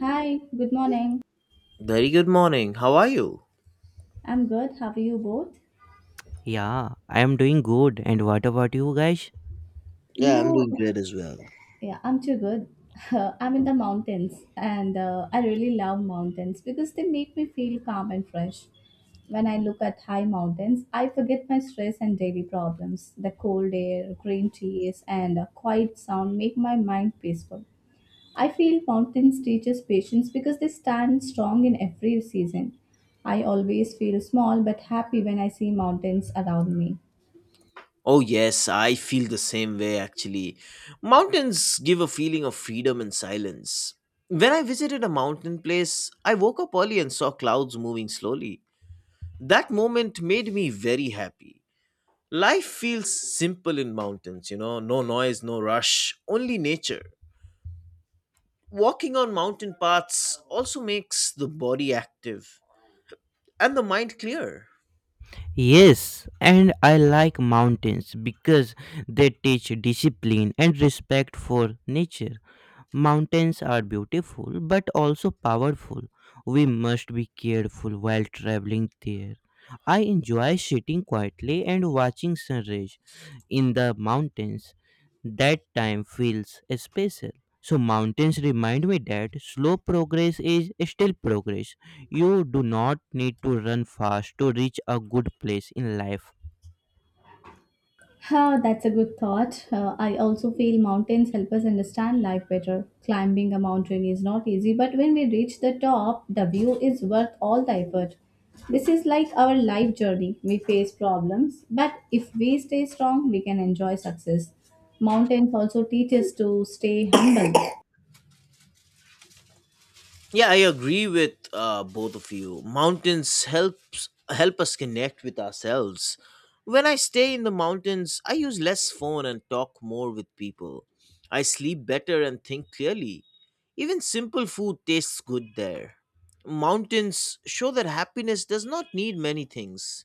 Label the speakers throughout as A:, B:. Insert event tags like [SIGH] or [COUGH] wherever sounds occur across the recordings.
A: Hi, good morning.
B: Very good morning. How are you?
A: I'm good. How are you both?
C: Yeah, I am doing good. And what about you guys?
A: You
B: Yeah, I'm
A: know,
B: doing great as well.
A: yeah, I'm too good. [LAUGHS] I'm in the mountains and I really love mountains because they make me feel calm and fresh. When I look at high mountains, I forget my stress and daily problems. The cold air, green trees, and a quiet sound make my mind peaceful. I feel mountains teach us patience because they stand strong in every season. I always feel small but happy when I see mountains around me.
B: Oh, yes, I feel the same way actually. Mountains give a feeling of freedom and silence. When I visited a mountain place, I woke up early and saw clouds moving slowly. That moment made me very happy. Life feels simple in mountains, no noise, no rush, only nature. Walking on mountain paths also makes the body active and the mind clear.
C: Yes, and I like mountains because they teach discipline and respect for nature. Mountains are beautiful but also powerful. We must be careful while traveling there. I enjoy sitting quietly and watching sunrise in the mountains. That time feels special. So mountains remind me that slow progress is still progress. You do not need to run fast to reach a good place in life.
A: Huh, that's a good thought. I also feel mountains help us understand life better. Climbing a mountain is not easy, but when we reach the top, the view is worth all the effort. This is like our life journey. We face problems, but if we stay strong, we can enjoy success. Mountains also teach us to stay humble.
B: Yeah, I agree with both of you. Mountains help us connect with ourselves. When I stay in the mountains, I use less phone and talk more with people. I sleep better and think clearly. Even simple food tastes good there. Mountains show that happiness does not need many things.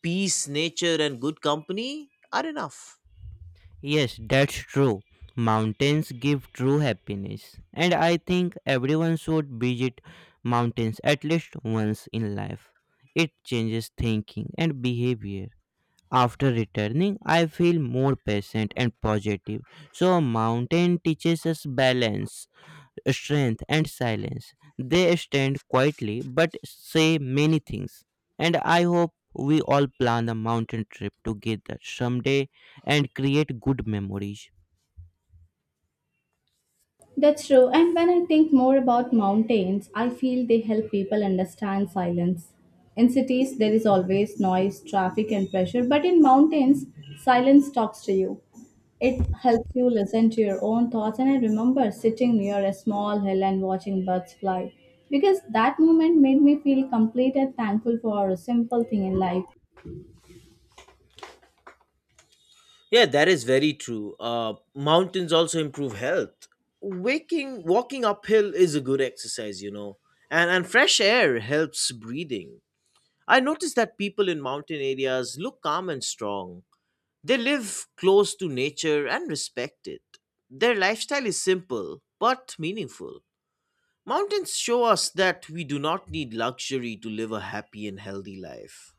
B: Peace, nature, and good company are enough.
C: Yes, that's true. Mountains give true happiness, and I think everyone should visit mountains at least once in life. It changes thinking and behavior. After returning, I feel more patient and positive. So, a mountain teaches us balance strength, and silence. They stand quietly but say many things. And I hope we all plan a mountain trip together someday and create good memories.
A: That's true. And when I think more about mountains, I feel they help people understand silence. In cities, there is always noise, traffic, and pressure, but in mountains, silence talks to you. It helps you listen to your own thoughts. And I remember sitting near a small hill and watching birds fly because that moment made me feel complete and thankful for a simple thing in life.
B: Yeah, that is very true. Mountains also improve health. Waking, walking uphill is a good exercise, and fresh air helps breathing. I noticed that people in mountain areas look calm and strong. They live close to nature and respect it. Their lifestyle is simple but meaningful. Mountains show us that we do not need luxury to live a happy and healthy life.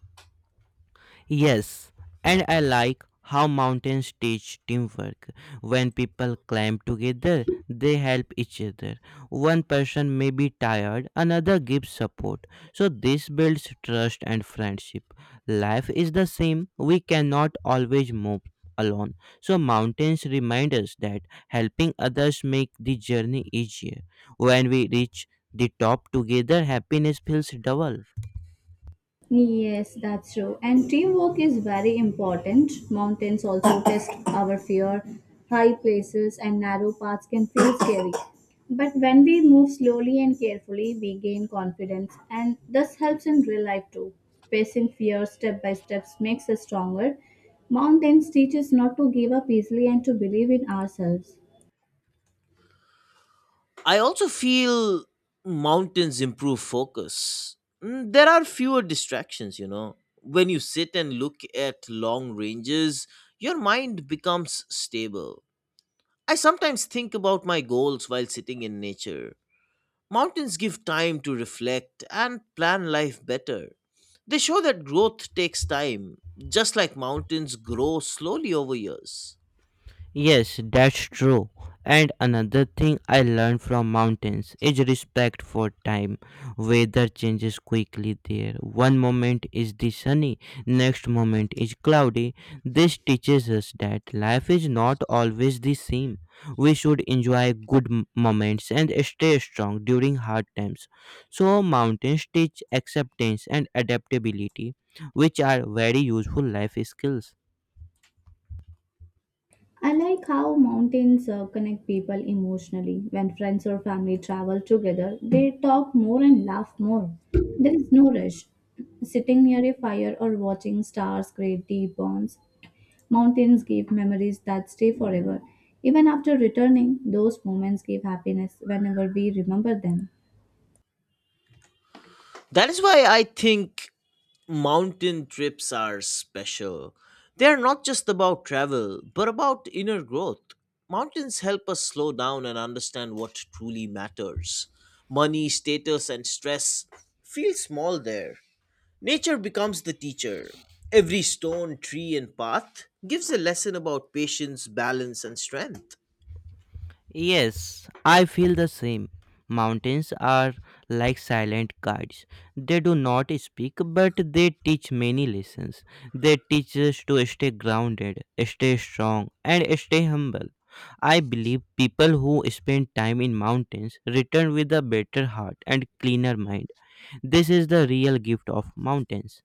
C: Yes, and I like how mountains teach teamwork. When people climb together, they help each other. One person may be tired, another gives support. So, this builds trust and friendship. Life is the same, we cannot always move alone. So, mountains remind us that helping others make the journey easier. When we reach the top together, happiness feels double.
A: Yes, that's true. And teamwork is very important. Mountains also test our fear. High places and narrow paths can feel scary. But when we move slowly and carefully, we gain confidence, and this helps in real life too. Facing fear step by step makes us stronger. Mountains teach us not to give up easily and to believe in ourselves.
B: I also feel mountains improve focus. There are fewer distractions. When you sit and look at long ranges, your mind becomes stable. I sometimes think about my goals while sitting in nature. Mountains give time to reflect and plan life better. They show that growth takes time, just like mountains grow slowly over years.
C: Yes, that's true. And another thing I learned from mountains is respect for time. Weather changes quickly there. One moment is the sunny, next moment is cloudy. This teaches us that life is not always the same. We should enjoy good moments and stay strong during hard times. So, mountains teach acceptance and adaptability, which are very useful life skills.
A: I like how mountains connect people emotionally. When friends or family travel together, they talk more and laugh more. There is no rush. Sitting near a fire or watching stars create deep bonds. Mountains give memories that stay forever. Even after returning, those moments give happiness whenever we remember them.
B: That is why I think mountain trips are special. They are not just about travel, but about inner growth. Mountains help us slow down and understand what truly matters. Money, status, and stress feel small there. Nature becomes the teacher. Every stone, tree, and path gives a lesson about patience, balance, and strength.
C: Yes, I feel the same. Mountains are like silent guides. They do not speak, but they teach many lessons. They teach us to stay grounded, stay strong, and stay humble. I believe people who spend time in mountains return with a better heart and cleaner mind. This is the real gift of mountains.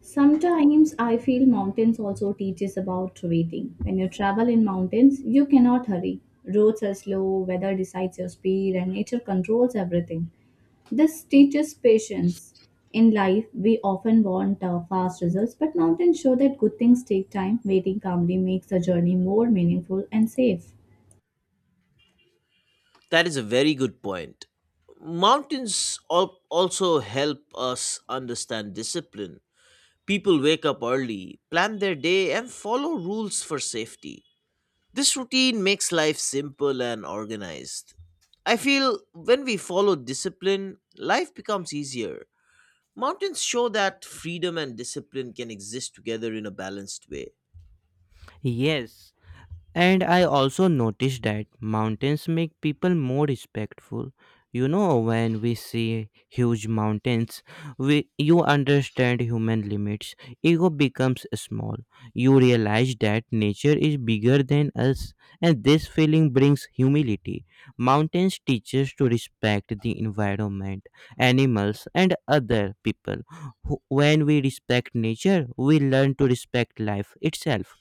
A: Sometimes I feel mountains also teaches about waiting. When you travel in mountains, you cannot hurry. Roads are slow, weather decides your speed, and nature controls everything. This teaches patience. In life, we often want fast results, but mountains show that good things take time. Waiting calmly makes the journey more meaningful and safe.
B: That is a very good point. Mountains also help us understand discipline. People wake up early, plan their day, and follow rules for safety. This routine makes life simple and organized. I feel when we follow discipline, life becomes easier. Mountains show that freedom and discipline can exist together in a balanced way.
C: Yes, and I also noticed that mountains make people more respectful. You know, when we see huge mountains, you understand human limits. Ego becomes small. You realize that nature is bigger than us, and this feeling brings humility. Mountains teach us to respect the environment, animals, and other people. When we respect nature, we learn to respect life itself.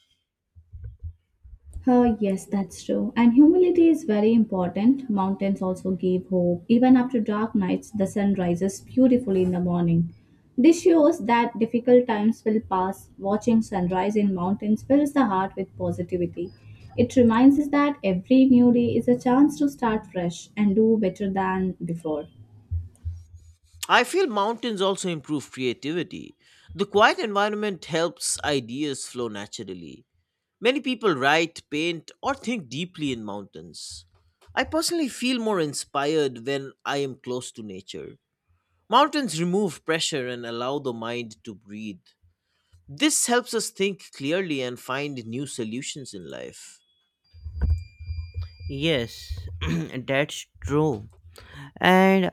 A: Yes, that's true. And humility is very important. Mountains also give hope. Even after dark nights, the sun rises beautifully in the morning. This shows that difficult times will pass. Watching sunrise in mountains fills the heart with positivity. It reminds us that every new day is a chance to start fresh and do better than before.
B: I feel mountains also improve creativity. The quiet environment helps ideas flow naturally. Many people write, paint, or think deeply in mountains. I personally feel more inspired when I am close to nature. Mountains remove pressure and allow the mind to breathe. This helps us think clearly and find new solutions in life.
C: Yes, [CLEARS THROAT] that's true. And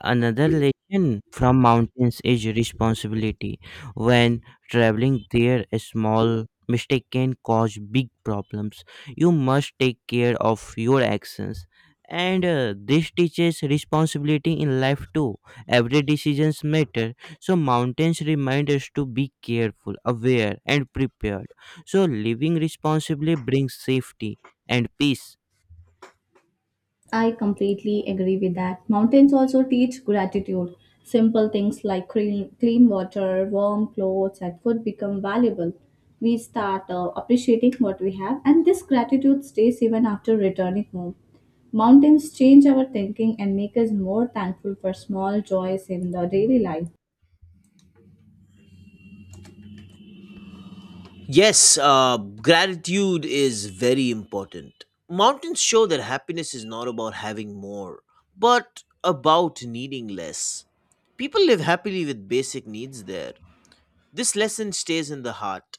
C: another lesson from mountains is responsibility. When traveling there, a small mistake can cause big problems. You must take care of your actions. And this teaches responsibility in life too. Every decisions matter. So mountains remind us to be careful, aware, and prepared. So living responsibly brings safety and peace.
A: I completely agree with that. Mountains also teach gratitude. Simple things like clean water, warm clothes, and food become valuable. We start appreciating what we have, and this gratitude stays even after returning home. Mountains change our thinking and make us more thankful for small joys in the daily life.
B: Yes, gratitude is very important. Mountains show that happiness is not about having more, but about needing less. People live happily with basic needs there. This lesson stays in the heart.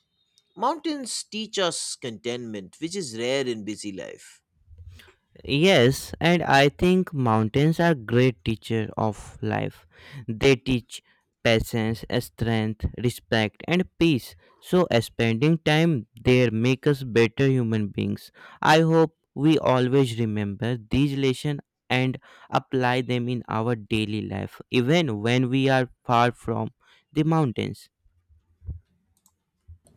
B: Mountains teach us contentment, which is rare in busy life.
C: Yes, and I think mountains are great teacher of life. They teach patience, strength, respect, and peace. So spending time there make us better human beings. I hope we always remember these lessons and apply them in our daily life, even when we are far from the mountains.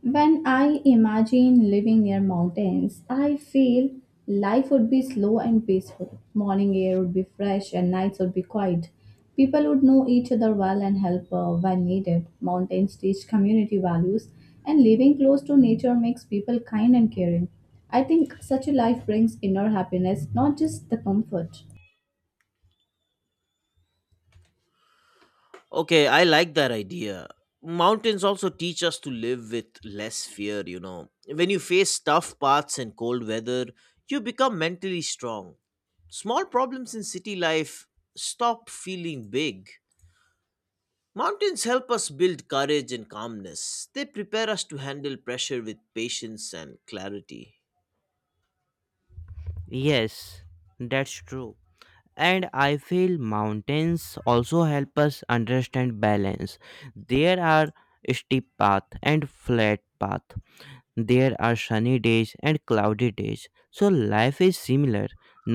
A: When I imagine living near mountains, I feel life would be slow and peaceful. Morning air would be fresh and nights would be quiet. People would know each other well and help when needed. Mountains teach community values, and living close to nature makes people kind and caring. I think such a life brings inner happiness, not just the comfort.
B: Okay, I like that idea. Mountains also teach us to live with less fear. When you face tough paths and cold weather, you become mentally strong. Small problems in city life stop feeling big. Mountains help us build courage and calmness. They prepare us to handle pressure with patience and clarity.
C: Yes, that's true. And I feel mountains also help us understand balance. There are steep path and flat path. There are sunny days and cloudy days, so life is similar.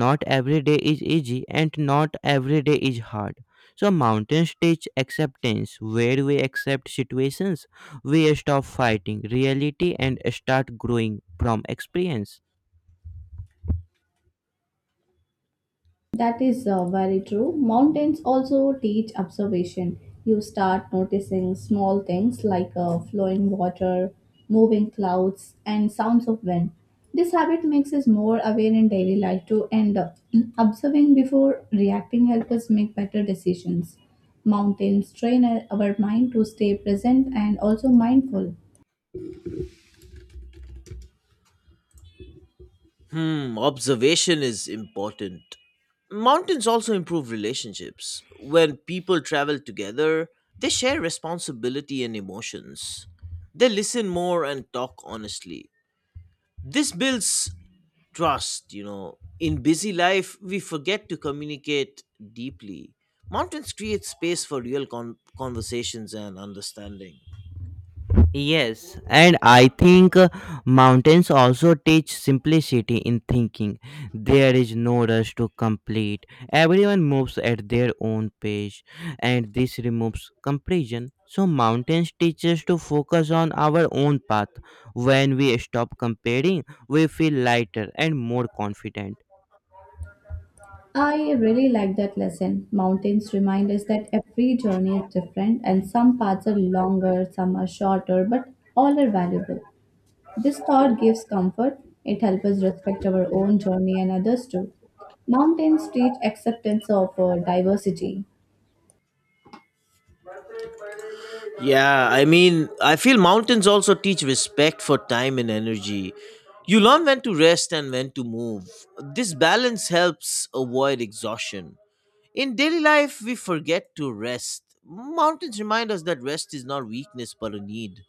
C: Not every day is easy and not every day is hard. So mountains teach acceptance where we accept situations. We stop fighting reality and start growing from experience.
A: That is very true. Mountains also teach observation. You start noticing small things like flowing water, moving clouds, and sounds of wind. This habit makes us more aware in daily life too, and [CLEARS THROAT] observing before reacting helps us make better decisions. Mountains train our mind to stay present and also mindful.
B: Hmm, observation is important. Mountains also improve relationships. When people travel together, they share responsibility and emotions. They listen more and talk honestly. This builds trust. In busy life, we forget to communicate deeply. Mountains create space for real conversations and understanding.
C: Yes, and I think mountains also teach simplicity in thinking. There is no rush to complete. Everyone moves at their own pace, and this removes comparison. So, mountains teach us to focus on our own path. When we stop comparing, we feel lighter and more confident.
A: I really like that lesson. Mountains remind us that every journey is different and some paths are longer, some are shorter, but all are valuable. This thought gives comfort. It helps us respect our own journey and others too. Mountains teach acceptance of diversity.
B: Yeah, I mean, I feel mountains also teach respect for time and energy. You learn when to rest and when to move. This balance helps avoid exhaustion. In daily life, we forget to rest. Mountains remind us that rest is not weakness but a need.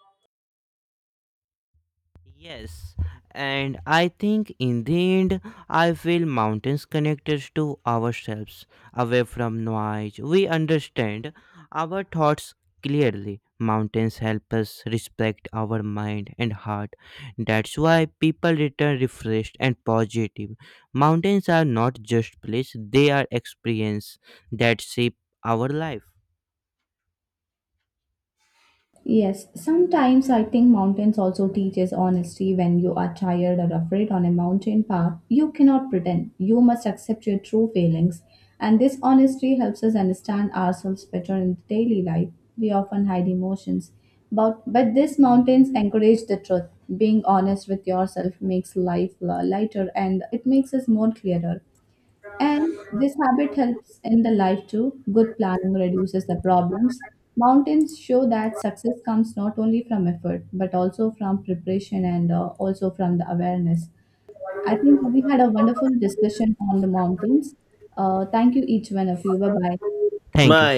C: Yes, and I think in the end, I feel mountains connect us to ourselves, away from noise. We understand our thoughts clearly. Mountains help us respect our mind and heart. That's why people return refreshed and positive. Mountains are not just place; they are experience that shape our life.
A: Yes, sometimes I think mountains also teaches honesty when you are tired or afraid on a mountain path. You cannot pretend. You must accept your true feelings. And this honesty helps us understand ourselves better in daily life. We often hide emotions. But these mountains encourage the truth. Being honest with yourself makes life lighter and it makes us more clearer. And this habit helps in the life too. Good planning reduces the problems. Mountains show that success comes not only from effort, but also from preparation and also from the awareness. I think we had a wonderful discussion on the mountains. Thank you, each one of you. Bye bye.
C: Thank you.
B: My